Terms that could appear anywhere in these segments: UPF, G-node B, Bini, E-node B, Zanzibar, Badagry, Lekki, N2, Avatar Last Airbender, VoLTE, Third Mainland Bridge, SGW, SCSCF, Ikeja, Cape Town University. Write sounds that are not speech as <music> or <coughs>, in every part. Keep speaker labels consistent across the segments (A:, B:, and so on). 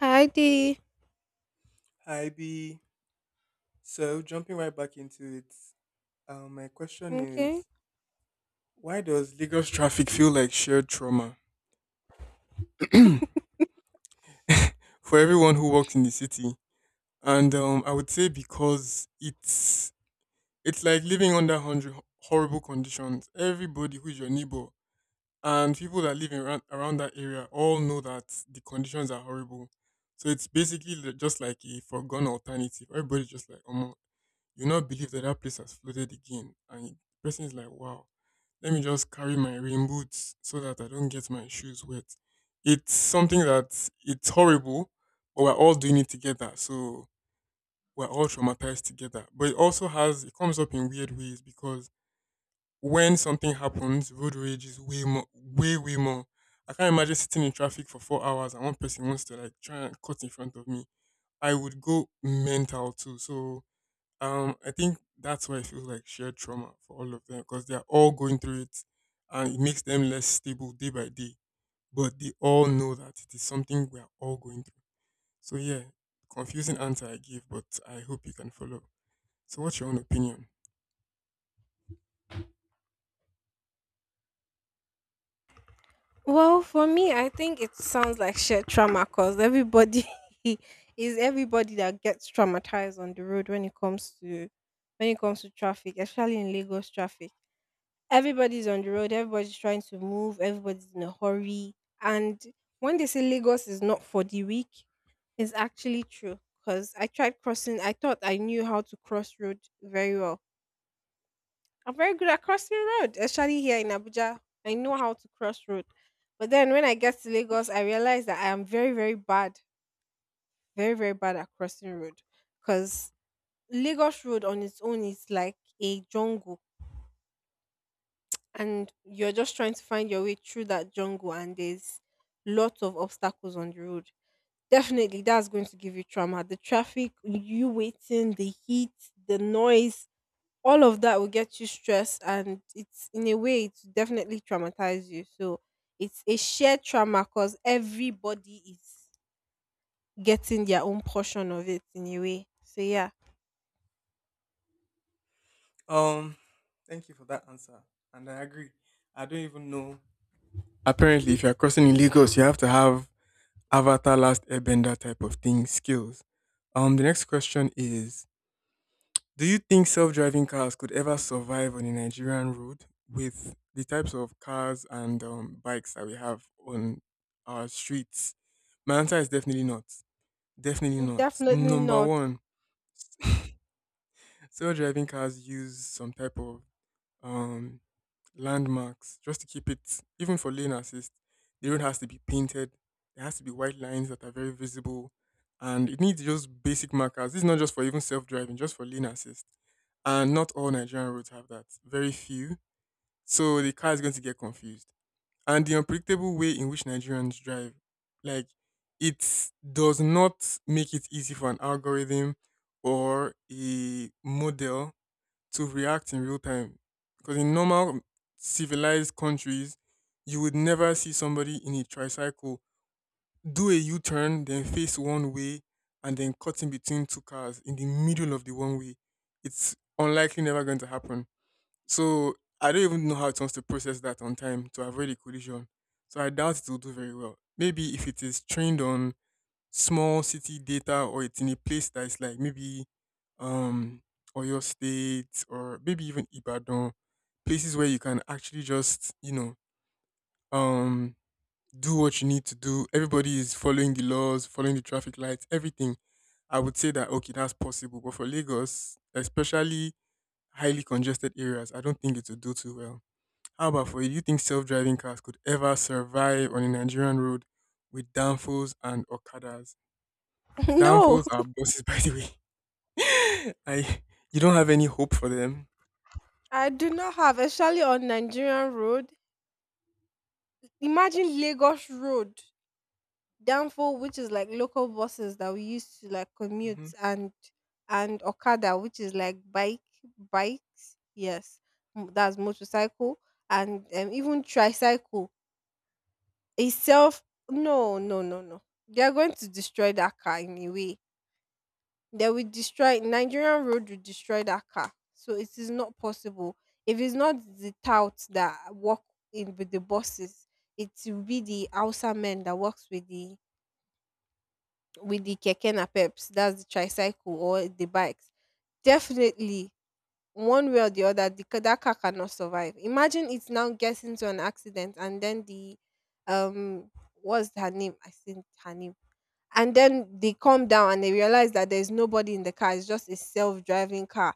A: Heidi.
B: Hi B. So jumping right back into it, my question
A: Okay.
B: is, why does Lagos traffic feel like shared trauma <clears throat> for everyone who walks in the city? And I would say because it's like living under hundred horrible conditions. Everybody who is your neighbor and people that live around that area all know that the conditions are horrible. So it's basically just like a foregone alternative. Everybody's just like, oh you not believe that that place has flooded again. And the person is like, wow, let me just carry my rain boots so that I don't get my shoes wet. It's something that it's horrible, but we're all doing it together. So we're all traumatized together. But it also has, it comes up in weird ways because when something happens, road rage is way more, way, way more. I can't imagine sitting in traffic for 4 hours and one person wants to like try and cut in front of me. I would go mental too. So I think that's why it feels like shared trauma for all of them because they're all going through it, and it makes them less stable day by day. But they all know that it is something we are all going through. So, yeah, confusing answer I give, but I hope you can follow. So, what's your own opinion?
A: Well, for me, I think it sounds like shared trauma because everybody <laughs> is everybody that gets traumatized on the road when it comes to traffic, especially in Lagos traffic. Everybody's on the road, everybody's trying to move, everybody's in a hurry. And when they say Lagos is not for the weak, it's actually true. Because I tried crossing, I thought I knew how to cross road very well. I'm very good at crossing road, especially here in Abuja. I know how to cross road. But then when I get to Lagos, I realize that I am very, very bad at crossing road. Because Lagos Road on its own is like a jungle. And you're just trying to find your way through that jungle, and there's lots of obstacles on the road. Definitely, that's going to give you trauma. The traffic, you waiting, the heat, the noise, all of that will get you stressed, and it's, in a way, it's definitely traumatize you. So it's a shared trauma because everybody is getting their own portion of it, in a way. So yeah.
B: Um, Thank you for that answer, and I agree. I don't even know. Apparently, if you're crossing in Lagos, you have to have Avatar Last Airbender type of thing skills. The next question is, do you think self-driving cars could ever survive on a Nigerian road with the types of cars and bikes that we have on our streets? My answer is definitely not. Definitely not.
A: Definitely
B: Number
A: not.
B: one, self-driving cars use some type of um, landmarks just to keep it, even for lane assist. The road has to be painted, there has to be white lines that are very visible, and it needs just basic markers. This is not just for even self-driving, just for lane assist. And not all Nigerian roads have that, very few. So the car is going to get confused, and the unpredictable way in which Nigerians drive, like, it does not make it easy for an algorithm or a model to react in real time. Because in normal civilized countries, you would never see somebody in a tricycle do a U turn, then face one way, and then cut in between two cars in the middle of the one way. It's unlikely never going to happen. So I don't even know how it wants to process that on time to avoid a collision. So I doubt it will do very well. Maybe if it is trained on small city data or it's in a place that is like maybe um Oyo State or maybe even Ibadan, places where you can actually just, you know, um do what you need to do. Everybody is following the laws, following the traffic lights, everything. I would say that okay, that's possible. But for Lagos, especially highly congested areas, I don't think it will do too well. How about for you? Do you think self driving cars could ever survive on a Nigerian road with downfalls and okadas?
A: <laughs> No,
B: Downfalls are bosses, <laughs> by the way. <laughs> I You don't have any hope for them.
A: I do not have, especially on Nigerian road. Imagine Lagos road. Danfo, which is like local buses that we used to like commute,
B: Hmm.
A: and okada, which is like bike, bikes, yes. That's motorcycle. And even tricycle itself. No, no, no, no, they are going to destroy that car anyway. They will destroy. Nigerian road will destroy that car, so it is not possible. If it's not the touts that work in with the buses, it will be the outside men that works with the keke napeps, that's the tricycle or the bikes. Definitely, one way or the other, that car cannot survive. Imagine it now gets into an accident, and then the um what's her name? I think her name. And then they come down and they realize that there's nobody in the car. It's just a self-driving car.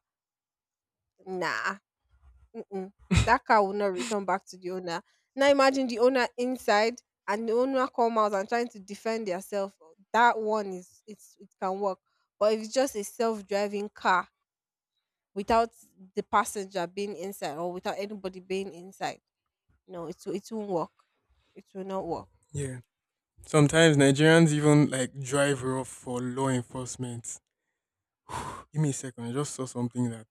A: Nah. Mm-mm. That
B: <laughs>
A: car will not return back to the owner. Now imagine the owner inside and the owner come out and trying to defend themselves. That one is, it's, it can work. But if it's just a self-driving car without the passenger being inside or without anybody being inside, no, it won't work. It will not work.
B: Yeah. Sometimes Nigerians even like drive rough for law enforcement. Give me a second. I just saw something that.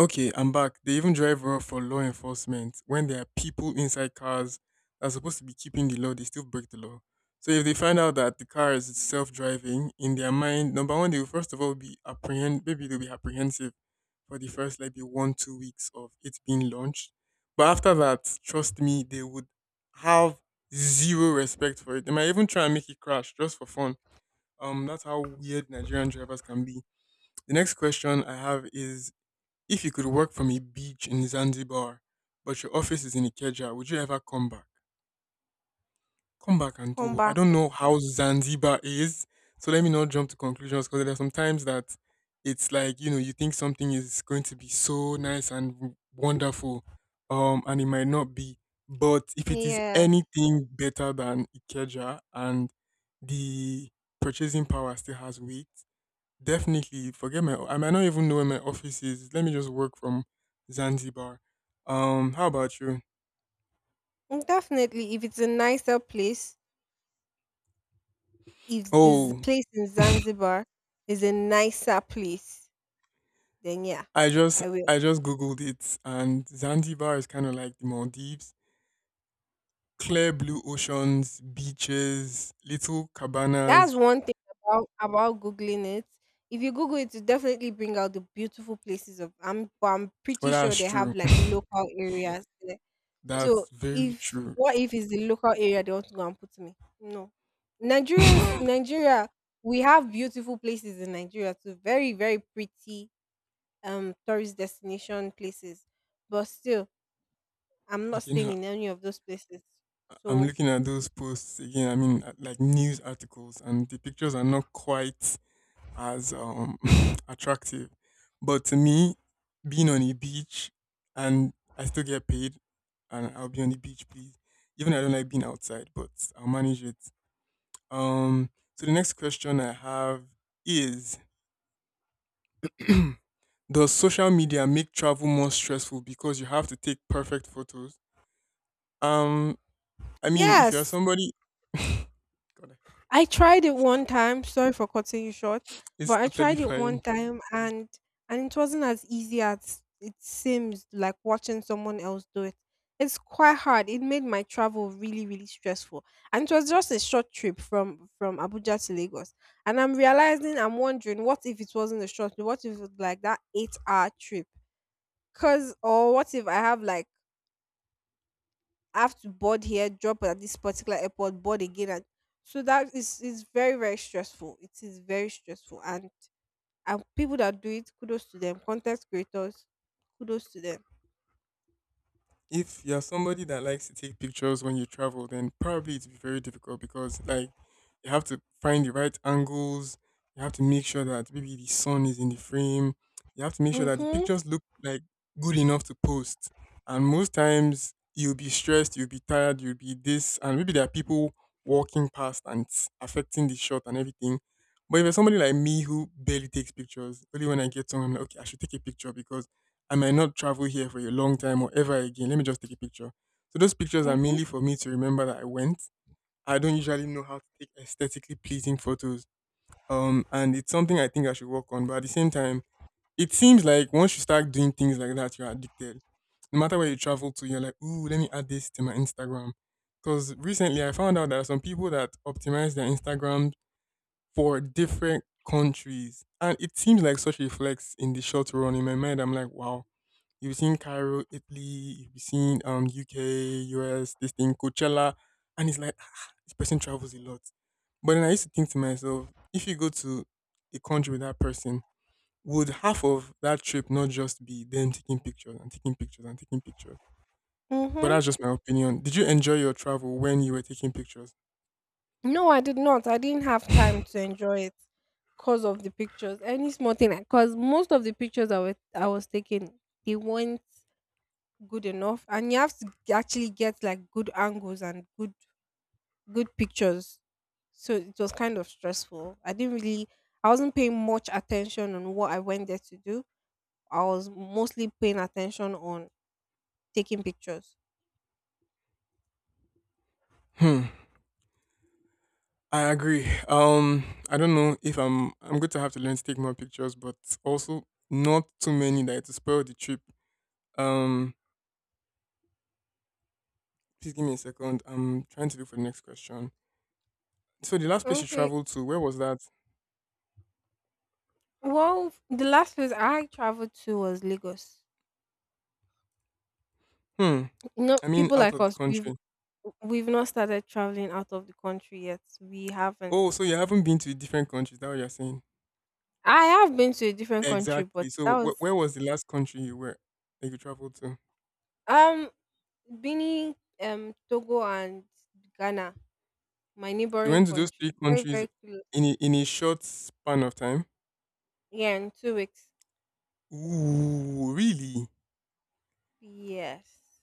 B: Okay, I'm back. They even drive well for law enforcement. When there are people inside cars that are supposed to be keeping the law, they still break the law. So if they find out that the car is self-driving, in their mind, number one, they will first of all be apprehend. Maybe they'll be apprehensive for the first like the 1 2 weeks of it being launched. But after that, trust me, they would have zero respect for it. They might even try and make it crash just for fun. That's how weird Nigerian drivers can be. The next question I have is, if you could work from a beach in Zanzibar, but your office is in Ikeja, would you ever come back? Come back and
A: Come
B: do. I
A: back.
B: don't know how Zanzibar is, so let me not jump to conclusions because there are some times that it's like you know you think something is going to be so nice and wonderful, and it might not be. But if it is
A: Yes.
B: anything better than Ikeja and the purchasing power still has weight, definitely. Forget my. I might not even know where my office is. Let me just work from Zanzibar. How about you?
A: Mm, definitely if it's a nicer place, if this
B: Oh,
A: place in Zanzibar is a nicer place, then yeah. I will.
B: I just googled it, and Zanzibar is kind of like the Maldives. Clear blue oceans, beaches, little
A: That's
B: cabanas.
A: one thing about googling it. If you Google it, it definitely bring out the beautiful places of. I'm but I'm
B: Well,
A: pretty sure
B: that's
A: they
B: true.
A: have like local areas there.
B: <laughs> That's
A: So
B: very
A: if,
B: true.
A: what if it's the local area they want to go and put me? No.
B: <laughs>
A: Nigerians,
B: Okay,
A: Nigeria, we have beautiful places in Nigeria too. Very, very pretty tourist destination places, but still, I'm not staying
B: now
A: in any of those places.
B: I'm
A: So
B: looking at those posts again. I mean, like news articles, and the pictures are not quite as <laughs> attractive. But to me, being on a beach and I still get paid and I'll be on the beach, please. Even I don't like being outside, but I'll manage it. Um so the next question I have is <clears throat> does social media make travel more stressful because you have to take perfect photos? Um I mean if you're
A: yes,
B: somebody <laughs> God,
A: I tried it one time. Sorry for cutting you short,
B: it's
A: but I
B: totally
A: tried it one
B: fine.
A: time, and it wasn't as easy as it seems like watching someone else do it. It's quite hard. It made my travel really, really stressful. And it was just a short trip from Abuja to Lagos. And I'm wondering, what if it wasn't a short trip? What if it was like that eight hour trip? Cuz, or what if I have to board here, drop at this particular airport, board again, and so that is very, very stressful. It is very stressful, and people that do it, kudos to them. Content creators, kudos to them.
B: If you're somebody that likes to take pictures when you travel, then probably it's very difficult because like you have to find the right angles, you have to make sure that maybe the sun is in the frame, you have to make sure that the
A: Mhm.
B: pictures look like good enough to post. And most times you'll be stressed, you'll be tired, you'll be this, and maybe there are people walking past and it's affecting the shot and everything. But if you're somebody like me who barely takes pictures, only when I get somewhere, I'm like, okay, I should take a picture because I might not travel here for a long time or ever again. Let me just take a picture. So those pictures are
A: Mhm.
B: mainly for me to remember that I went. I don't usually know how to take aesthetically pleasing photos. And it's something I think I should work on. But at the same time, it seems like once you start doing things like that, you're addicted. No matter where you travel to, you're like, ooh, let me add this to my Instagram. Because recently I found out there are some people that optimize their Instagram for different countries. And it seems like such a flex in the short run. In my mind, I'm like, wow, you'll be seeing Cairo, Italy, you'll be seeing UK, US, this thing, Coachella. And it's like, ah, this person travels a lot. But then I used to think to myself, if you go to a country with that person, would half of that trip not just be them taking pictures and taking pictures and taking pictures? But
A: Mhm.
B: that's just my opinion. Did you enjoy your travel when you were taking pictures?
A: No, I did not. I didn't have time to enjoy it because of the pictures. Any small thing, because most of the pictures I was taking, they weren't good enough, and you have to actually get like good angles and good pictures. So it was kind of stressful. I didn't really, I wasn't paying much attention on what I went there to do. I was mostly paying attention on taking pictures.
B: Hmm. I agree. I don't know if I'm going to have to learn to take more pictures, but also not too many that it will spoil the trip. Um, Please give me a second. I'm trying to look for the next question. So the last place you
A: Okay.
B: traveled to, where was that?
A: Well, the last place I traveled to was Lagos.
B: Hmm.
A: You know,
B: I mean,
A: people
B: out
A: like
B: of the
A: us, we've
B: country.
A: we've not started traveling out of the country yet. We haven't.
B: Oh, so you haven't been to different countries. That what you're saying?
A: I have been to a different country, but
B: Exactly. So
A: that was
B: where was the last country you were that you traveled to?
A: um Benin, Togo, and Ghana, my
B: You
A: neighboring
B: went to those three
A: country. Very
B: countries
A: very
B: in in a short span of time.
A: Yeah, in 2 weeks.
B: Ooh, really?
A: Yes.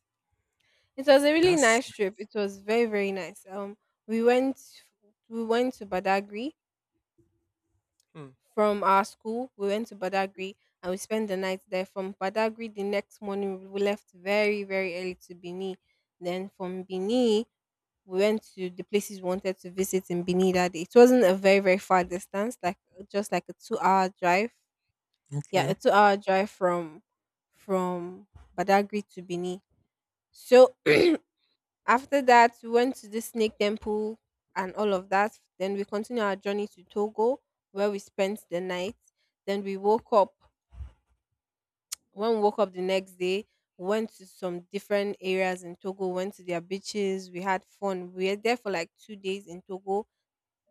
A: It was a really
B: That's.
A: nice trip. It was very, very nice. We went we went to Badagry
B: Hmm,
A: from our school. We went to Badagry and we spent the night there. From Badagry, the next morning, we left very, very early to Bini. Then from Bini, we went to the places we wanted to visit in Bini that day. It wasn't a very, very far distance, like just like a 2 hour drive. Yeah,
B: okay.
A: a 2 hour drive from Badagry to Bini. So <clears throat> after that, we went to the snake temple and all of that. Then we continued our journey to Togo, where we spent the night. Then we woke up. When we woke up the next day, we went to some different areas in Togo, went to their beaches. We had fun. We were there for like 2 days in Togo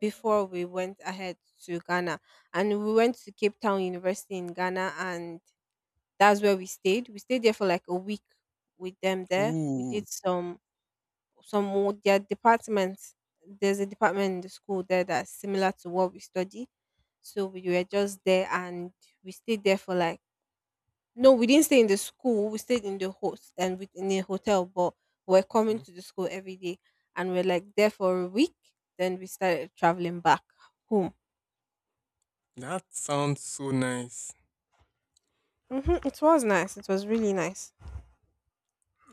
A: before we went ahead to Ghana. And we went to Cape Town University in Ghana, and that's where we stayed. We stayed there for like a week with them there. We
B: Ooh,
A: did some. Their departments, there's a department in the school there that's similar to what we study, so we were just there, and we stayed there for like, no, we didn't stay in the school, we stayed in the host and with in a hotel, but we're coming
B: okay.
A: to the school every day. And we're like there for a week, then we started traveling back home.
B: That sounds so nice.
A: Hmm, it was nice, it was really nice.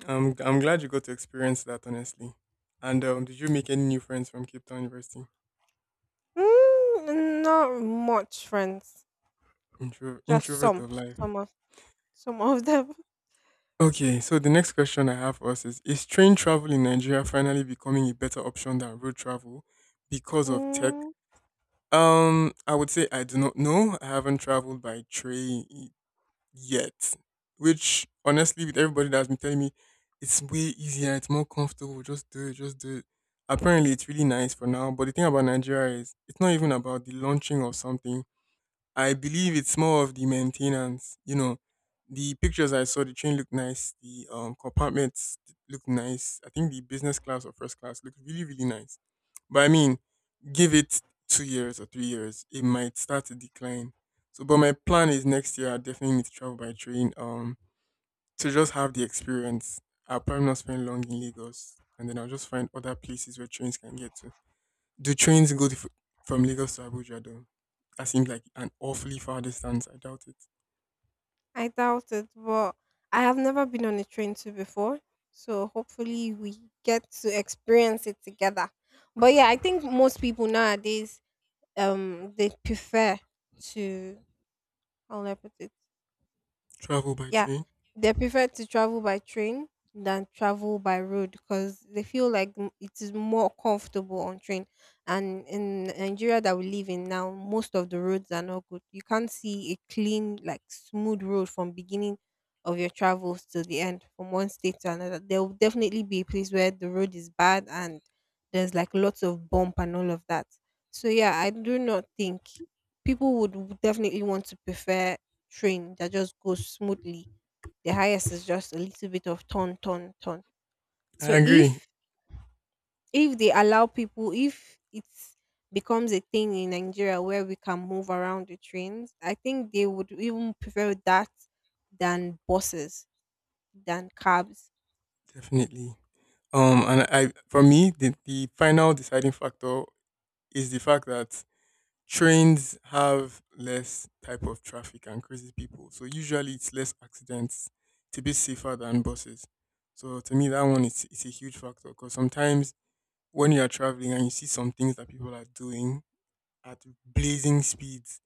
B: I'm glad you got to experience that honestly. And did you make any new friends from Cape Town University?
A: Mm, not much friends. Just
B: Introvert of life.
A: some of some of them. <laughs>
B: Okay, so the next question I have for us is train travel in Nigeria finally becoming a better option than road travel because of tech?
A: Mm.
B: I would say I do not know. I haven't traveled by train yet, which honestly, with everybody that's been telling me it's way easier, it's more comfortable, just do it, just do it. Apparently, it's really nice for now. But the thing about Nigeria is it's not even about the launching of something, I believe it's more of the maintenance. You know, the pictures I saw, the train looked nice, the compartments look nice. I think the business class or first class looked really, really nice. But I mean, give it 2 years or 3 years, it might start to decline. So, but my plan is next year I definitely need to travel by train. To just have the experience. I'll probably not spend long in Lagos, and then I'll just find other places where trains can get to. Do trains from Lagos to Abuja though? That seems like an awfully far distance. I doubt it.
A: I doubt it, but I have never been on a train too before. So hopefully we get to experience it together. But yeah, I think most people nowadays, they prefer to, how will I put it?
B: Travel by
A: Yeah,
B: train?
A: they prefer to travel by train than travel by road, because they feel like it is more comfortable on train. And in Nigeria that we live in now, most of the roads are not good. You can't see a clean like smooth road from beginning of your travels to the end. From one state to another, there will definitely be a place where the road is bad, and there's like lots of bump and all of that. So yeah, I do not think people would definitely want to prefer train that just goes smoothly. The highest is just a little bit of turn, turn, turn. So
B: I agree,
A: if they allow people, if it becomes a thing in Nigeria where we can move around the trains, I think they would even prefer that than buses, than cabs.
B: definitely. And for me, the final deciding factor is the fact that trains have less type of traffic and crazy people. So usually it's less accidents. It's a bit safer than buses. So to me, that one is it's a huge factor because sometimes when you are traveling and you see some things that people are doing at blazing speeds,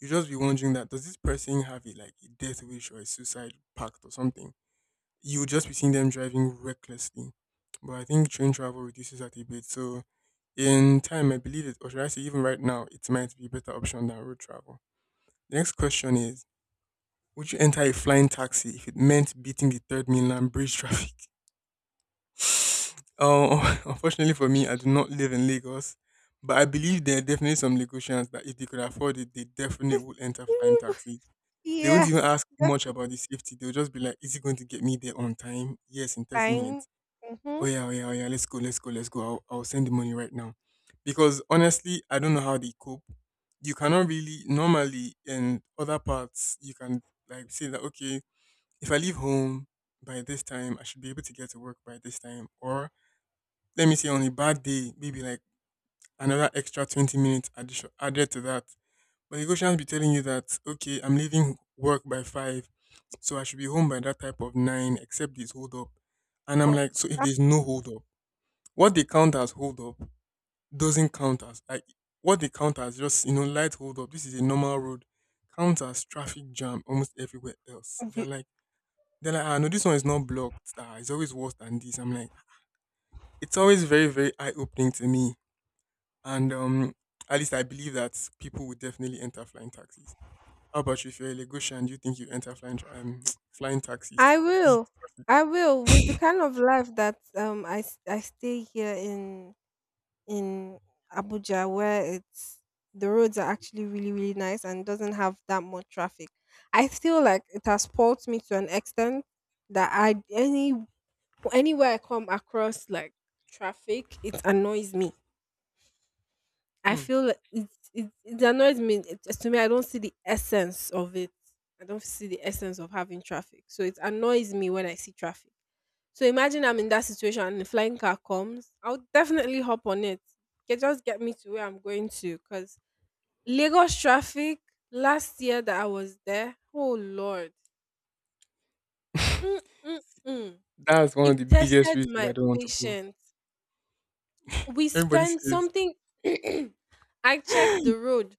B: you just be wondering that does this person have a like a death wish or a suicide pact or something? You would just be seeing them driving recklessly. But I think train travel reduces that a bit. So in time, I believe it, or should I say, even right now, it might be a better option than road travel. The next question is: Would you enter a flying taxi if it meant beating the third mainland bridge <laughs> traffic? Oh, <laughs> unfortunately for me, I do not live in Lagos, but I believe there are definitely some Lagosians that if they could afford it, they definitely would enter flying
A: Mm,
B: taxis. They won't even
A: yes,
B: ask
A: that
B: much about the safety. They'll just be like, "Is it going to get me there on time? Yes, in thirty
A: time.
B: minutes. Oh
A: Mm-hmm.
B: yeah, oh yeah, oh yeah. Let's go, let's go, let's go. I'll send the money right now." Because honestly, I don't know how they cope. You cannot really normally in other parts you can like say that okay, if I leave home by this time, I should be able to get to work by this time, or let me say on a bad day, maybe like another extra 20 minutes addition, added to that. But Lagosians be telling you that, okay, I'm leaving work by 5, so I should be home by that type of 9, except this hold up. And I'm
A: But
B: like, so if there's no hold up, what they count as hold up doesn't count as, like, what they count as just, light hold up. This is a normal road. Counts as traffic jam almost everywhere else. You're
A: we-
B: like, they're like, ah, no, this one is not blocked. Ah, it's always worse than this. I'm like, it's always very, very eye opening to me. And at least I believe that people would definitely enter flying taxis. How about you, if you're a Lagosian, do you think you enter <tsk> flying taxis to
A: I
B: beat
A: will.
B: traffic?
A: I will, with the kind of life that I stay here in Abuja, where it's the roads are actually really, really nice, and doesn't have that much traffic. I feel like it has spoilt me to an extent that I any anywhere I come across like traffic, it annoys me. I feel like it annoys me. To me, I don't see the essence of it. I don't see the essence of having traffic. So it annoys me when I see traffic. So imagine I'm in that situation and the flying car comes. I'll definitely hop on it. It just get me to where I'm going to. Because Lagos traffic last year that I was there, oh Lord,
B: Hmm.
A: mm, mm, mm.
B: <laughs> That's one
A: it
B: of the biggest
A: tested
B: reasons I
A: my
B: don't want to go.
A: patience. We
B: Everybody
A: spent
B: says,
A: something. <clears throat> I checked the
B: <gasps>
A: road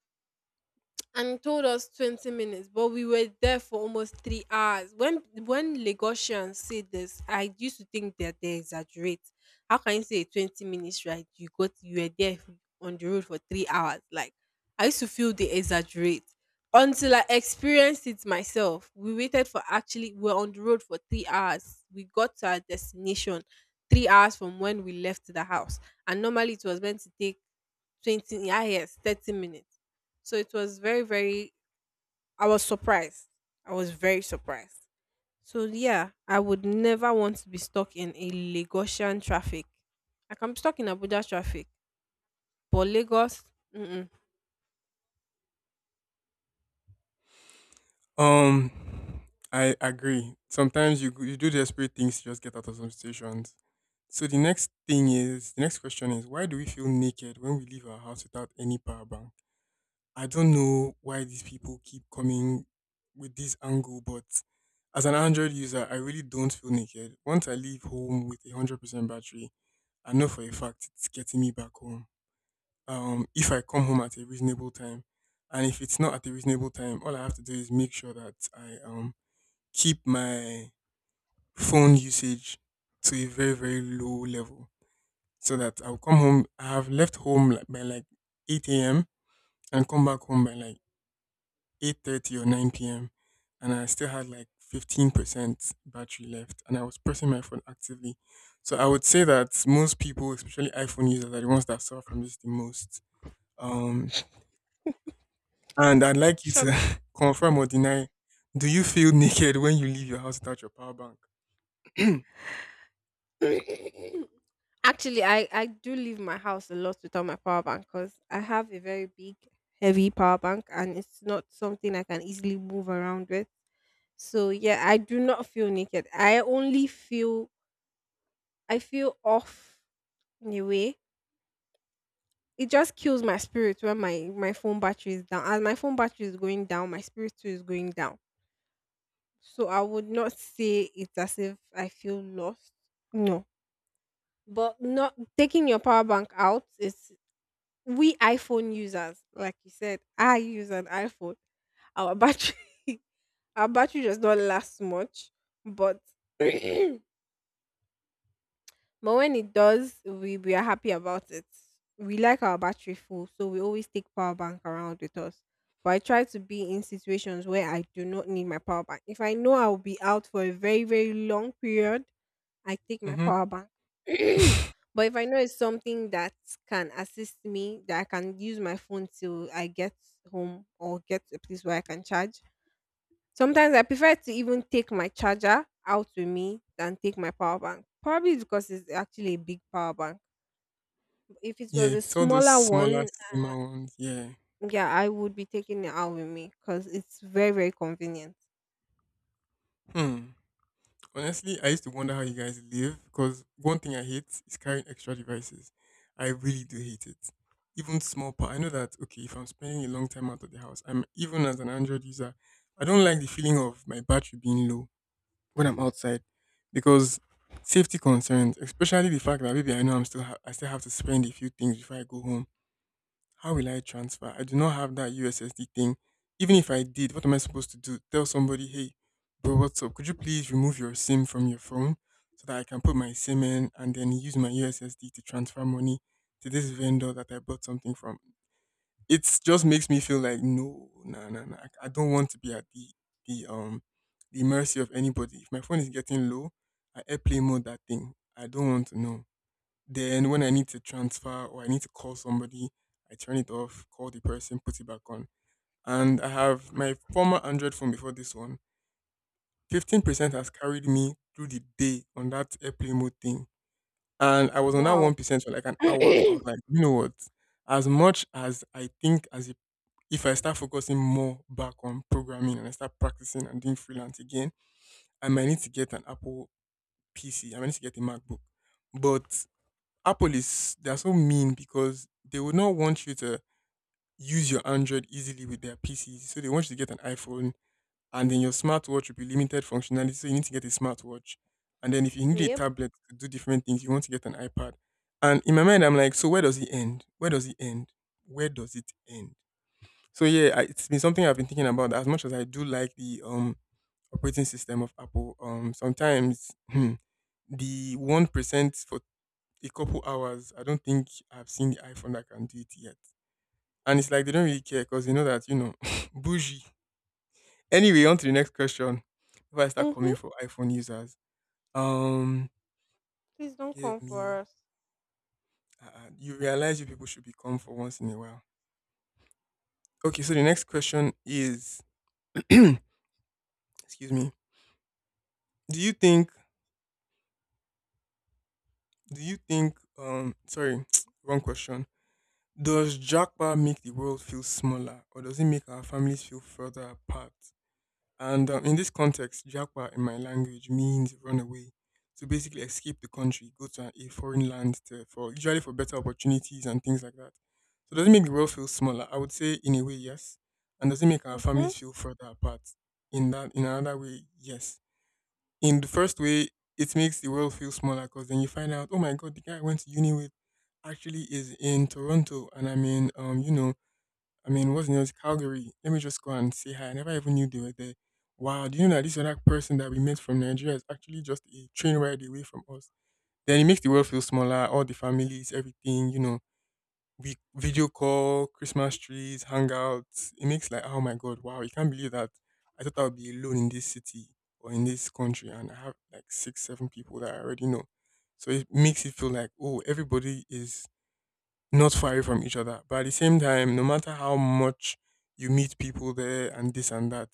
A: and told us 20 minutes, but we were there for almost 3 hours. When lagosians say this, I used to think that they exaggerate. How can you say a 20 minutes, right? You were there on the road for 3 hours, like, I used to feel they exaggerate until I experienced it myself. We waited for Actually, we were on the road for 3 hours. We got to our destination 3 hours from when we left the house, and normally it was meant to take 20, yeah, yes, 30 minutes. So it was very I was surprised. I was very surprised. So yeah, I would never want to be stuck in a lagosian traffic. I can be stuck in abuja traffic, but Lagos, mm-mm,
B: <laughs> um, I agree. Sometimes you do desperate things to just get out of some situations. So the next question is why do we feel naked when we leave our house without any power bank? I don't know why these people keep coming with this angle, but as an Android user, I really don't feel naked. Once I leave home with 100% battery, I know for a fact it's getting me back home. If I come home at a reasonable time, and if it's not at a reasonable time, all I have to do is make sure that I keep my phone usage to a very very low level, so that I'll come home. I have left home like by like 8 a.m. and come back home by like 8:30 or 9 p.m. and I still had like 15% battery left and I was pressing my phone actively. So I would say that most people, especially iPhone users, are the ones that suffer from this the most. Um, and I'd like you to
A: shut.
B: <laughs> confirm or deny, do you feel naked when you leave your house without your power bank?
A: <coughs> Actually, I do leave my house a lot without my power bank because I have a very big, heavy power bank and it's not something I can easily move around with. So yeah, I do not feel naked. I only feel off in a way. It just kills my spirit when my phone battery is down. As my phone battery is going down, my spirit too is going down. So I would not say it's as if I feel lost. No, but not taking your power bank out is — we iPhone users, like you said, I use an iPhone. Our battery, <laughs> our battery does not last much, but <laughs> <clears throat> but when it does, we are happy about it. We like our battery full, so we always take power bank around with us. But I try to be in situations where I do not need my power bank. If I know I will be out for a very, very long period, I take my
B: Hmm.
A: power bank.
B: <laughs>
A: <clears throat> But if I know it's something that can assist me, that I can use my phone till I get home or get to a place where I can charge, sometimes I prefer to even take my charger out with me than take my power bank. Probably it's because it's actually a big power bank. If it
B: Yeah,
A: was a
B: it's all those
A: smaller
B: smaller,
A: one, uh,
B: slimmer ones. Yeah.
A: yeah, I would be taking it out with me because it's very, very convenient.
B: Hmm. Honestly, I used to wonder how you guys live because one thing I hate is carrying extra devices. I really do hate it. Even small part. I know that okay, if I'm spending a long time out of the house, I'm even as an Android user, I don't like the feeling of my battery being low when I'm outside because safety concerns, especially the fact that maybe I know I'm I still have to spend a few things before I go home. How will I transfer? I do not have that USSD thing. Even if I did, what am I supposed to do? Tell somebody, hey, bro, what's up? Could you please remove your SIM from your phone so that I can put my SIM in and then use my USSD to transfer money to this vendor that I bought something from? It just makes me feel like no, no, no, no. I don't want to be at the um the mercy of anybody. If my phone is getting low, I airplane mode that thing. I don't want to know. Then when I need to transfer or I need to call somebody, I turn it off, call the person, put it back on. And I have my former Android phone before this one. 15% has carried me through the day on that airplane mode thing. And I was on that
A: Wow.
B: 1% for like an
A: <clears throat>
B: hour. I was
A: Yep.
B: like, you know what? As much as I think as if I start focusing more back on programming and I start practicing and doing freelance again, I might need to get an Apple PC. I might need to get a MacBook. But Apple is they're so mean because they would not want you to use your Android easily with their PCs. So they want you to get an iPhone and then your smartwatch will be limited functionality. So you need to get a smartwatch. And then if you need a tablet to do different things, you want to get an iPad. And in my mind I'm like, so where does it end? Where does it end? Where does it end? So yeah, I, it's been something I've been thinking about. As much as I do like the operating system of Apple, sometimes hmm, the 1% for a couple hours, I don't think I've seen the iPhone that can do it yet. And it's like they don't really care because they know that, <laughs> bougie. Anyway, on to the next question. Before I start
A: Mm-hmm.
B: coming for iPhone users, um,
A: Please don't
B: give
A: come
B: me,
A: for us.
B: you realize you people should be calm for once in a while. Okay, so the next question is, <clears throat> excuse me, do you think, sorry, <tsk> wrong question. Does Jackpot make the world feel smaller or does it make our families feel further apart? And in this context, Japa in my language means run away. So basically, escape the country, go to a foreign land to, for usually for better opportunities and things like that. So does it make the world feel smaller? I would say in a way, yes. And does it make our
A: Mm-hmm.
B: families feel further apart? In that, in another way, yes. In the first way, it makes the world feel smaller because then you find out, oh my god, the guy I went to uni with actually is in Toronto, and I'm in, I mean, what's near Calgary. Let me just go and say hi. I never even knew they were there. Wow, do you know that this other person that we met from Nigeria is actually just a train ride away from us? Then it makes the world feel smaller, all the families, everything, you know. We video call, Christmas trees, hangouts. It makes like, oh my god, wow, you can't believe that I thought I would be alone in this city or in this country and I have like six, seven people that I already know. So it makes it feel like, oh, everybody is not far away from each other. But at the same time, no matter how much you meet people there and this and that,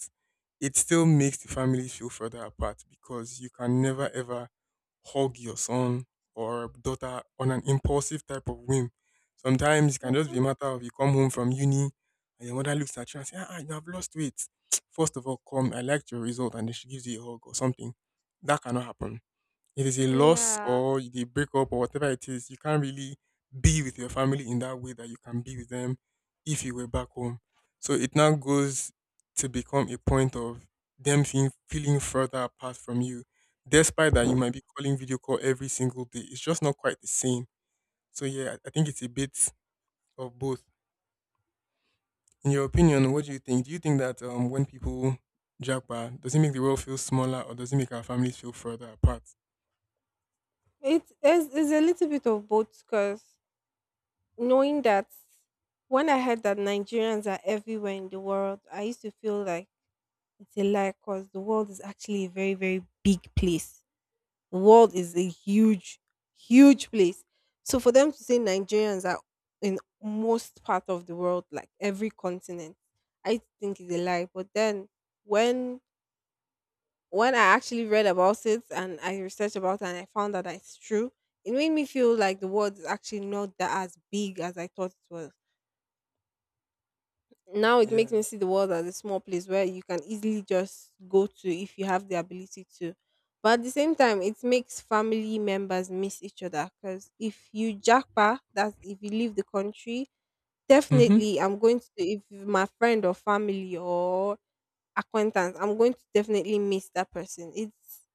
B: it still makes the families feel further apart because you can never ever hug your son or daughter on an impulsive type of whim. Sometimes it can just be a
A: Mm-hmm.
B: matter of you come home from uni and your mother looks at you and says, "Ah, you have lost weight. <tsk> First of all, come, I liked your result," and then she gives you a hug or something. That cannot happen it is a loss
A: Yeah.
B: or the breakup or whatever it is, you can't really be with your family in that way that you can be with them if you were back home. So it now goes to become a point of them feeling further apart from you. Despite that, you might be calling video call every single day. It's just not quite the same. So yeah, I think it's a bit of both. In your opinion, what do you think? Do you think that when people jackpot, does it make the world feel smaller or does it make our families feel further apart?
A: It's a little bit of both because knowing that when I heard that Nigerians are everywhere in the world, I used to feel like it's a lie because the world is actually a very, very big place. The world is a huge, huge place. So for them to say Nigerians are in most part of the world, like every continent, I think is a lie. But then when when I actually read about it and I researched about it and I found that it's true, it made me feel like the world is actually not that as big as I thought it was. Now it makes
B: Yeah.
A: me see the world as a small place where you can easily just go to if you have the ability to. But at the same time, it makes family members miss each other because if you jackpot, that's if you leave the country,
B: Mm-hmm.
A: definitely I'm going to, if my friend or family or acquaintance, I'm going to definitely miss that person. It's,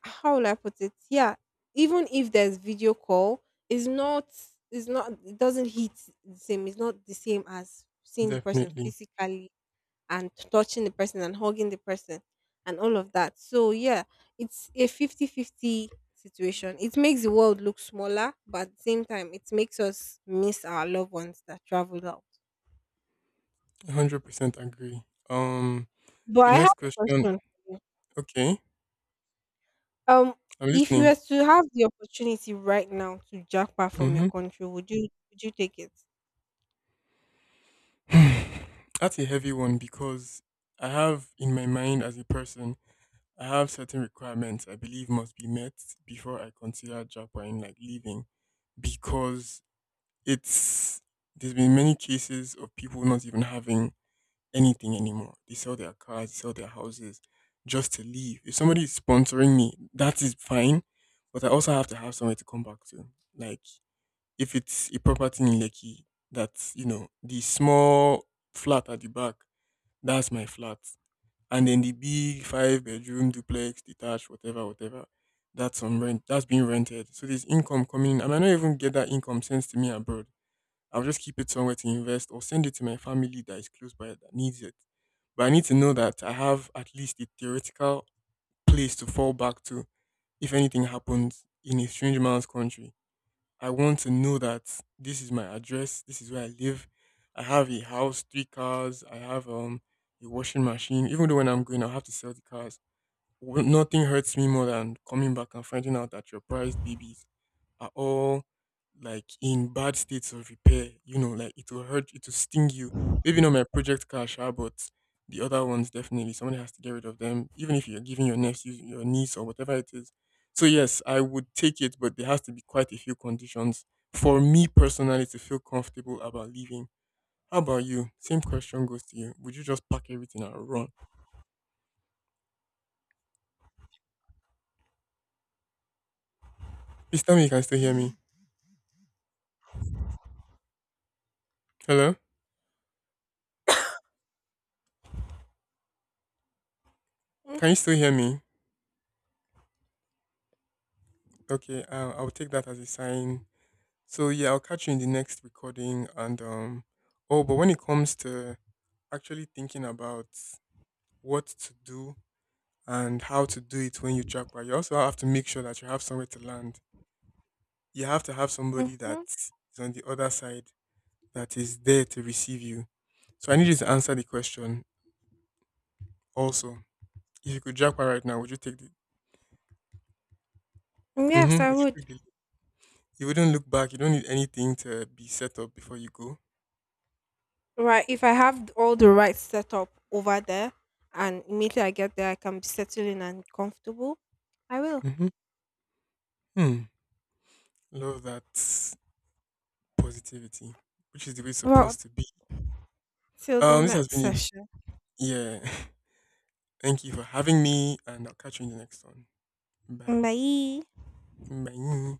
A: how will I put it? Yeah, even if there's video call, it's not, it doesn't hit the same. It's not the same as seeing the person
B: Definitely.
A: physically and touching the person and hugging the person and all of that. So yeah, it's a 50-50 situation. It makes the world look smaller, but at the same time it makes us miss our loved ones that traveled out.
B: 100% agree. Um,
A: But
B: so
A: I
B: the
A: have
B: next
A: a question
B: question.
A: for you.
B: Okay,
A: Um
B: I'm
A: if you
B: listening.
A: were to have the opportunity right now to jackpot from your
B: Mm-hmm.
A: country, would you take it?
B: <sighs> That's a heavy one because I have in my mind as a person, I have certain requirements I believe must be met before I consider Japan, like leaving, because it's there's been many cases of people not even having anything anymore. They sell their cars, they sell their houses just to leave. If somebody is sponsoring me, that is fine. But I also have to have somewhere to come back to. Like if it's a property in Lekki, that's, you know, the small flat at the back, that's my flat. And then the big five-bedroom duplex, detached, whatever, whatever, that's on rent. That's being rented. So there's income coming in. I might not even get that income sent to me abroad. I'll just keep it somewhere to invest or send it to my family that is close by that needs it. But I need to know that I have at least a theoretical place to fall back to if anything happens in a strange man's country. I want to know that this is my address, this is where I live. I have a house, three cars, I have a washing machine. Even though when I'm going I'll have to sell the cars. Well, nothing hurts me more than coming back and finding out that you're prized babies are all like in bad states of repair. You know, like it will hurt, it will sting you. Maybe not my project car, sha, but the other ones definitely. Somebody has to get rid of them, even if you're giving your nephew, your niece, or whatever it is. So yes, I would take it, but there has to be quite a few conditions for me personally to feel comfortable about leaving. How about you? Same question goes to you. Would you just pack everything and run? Please tell me you can still hear me. Hello? Can you still hear me? Okay, I'll take that as a sign. So yeah, I'll catch you in the next recording. And oh, but when it comes to actually thinking about what to do and how to do it when you jackpot, you also have to make sure that you have somewhere to land. You have to have somebody that
A: Mm-hmm.
B: is on the other side that is there to receive you. So I need you to answer the question. Also, if you could jackpot right now, would you take the?
A: Yes,
B: Mm-hmm,
A: I
B: would you
A: would.
B: take the? You wouldn't look back. You don't need anything to be set up before you go.
A: Right. If I have all the right setup over there and immediately I get there, I can be settled in and comfortable, I will.
B: Mm-hmm. Hmm. Love that. Positivity, which is the way it's
A: Well,
B: supposed to be.
A: till the
B: This has
A: next
B: been a
A: session.
B: yeah. <laughs> Thank you for having me, and I'll catch you in the next one. Bye.
A: Bye.
B: Bye.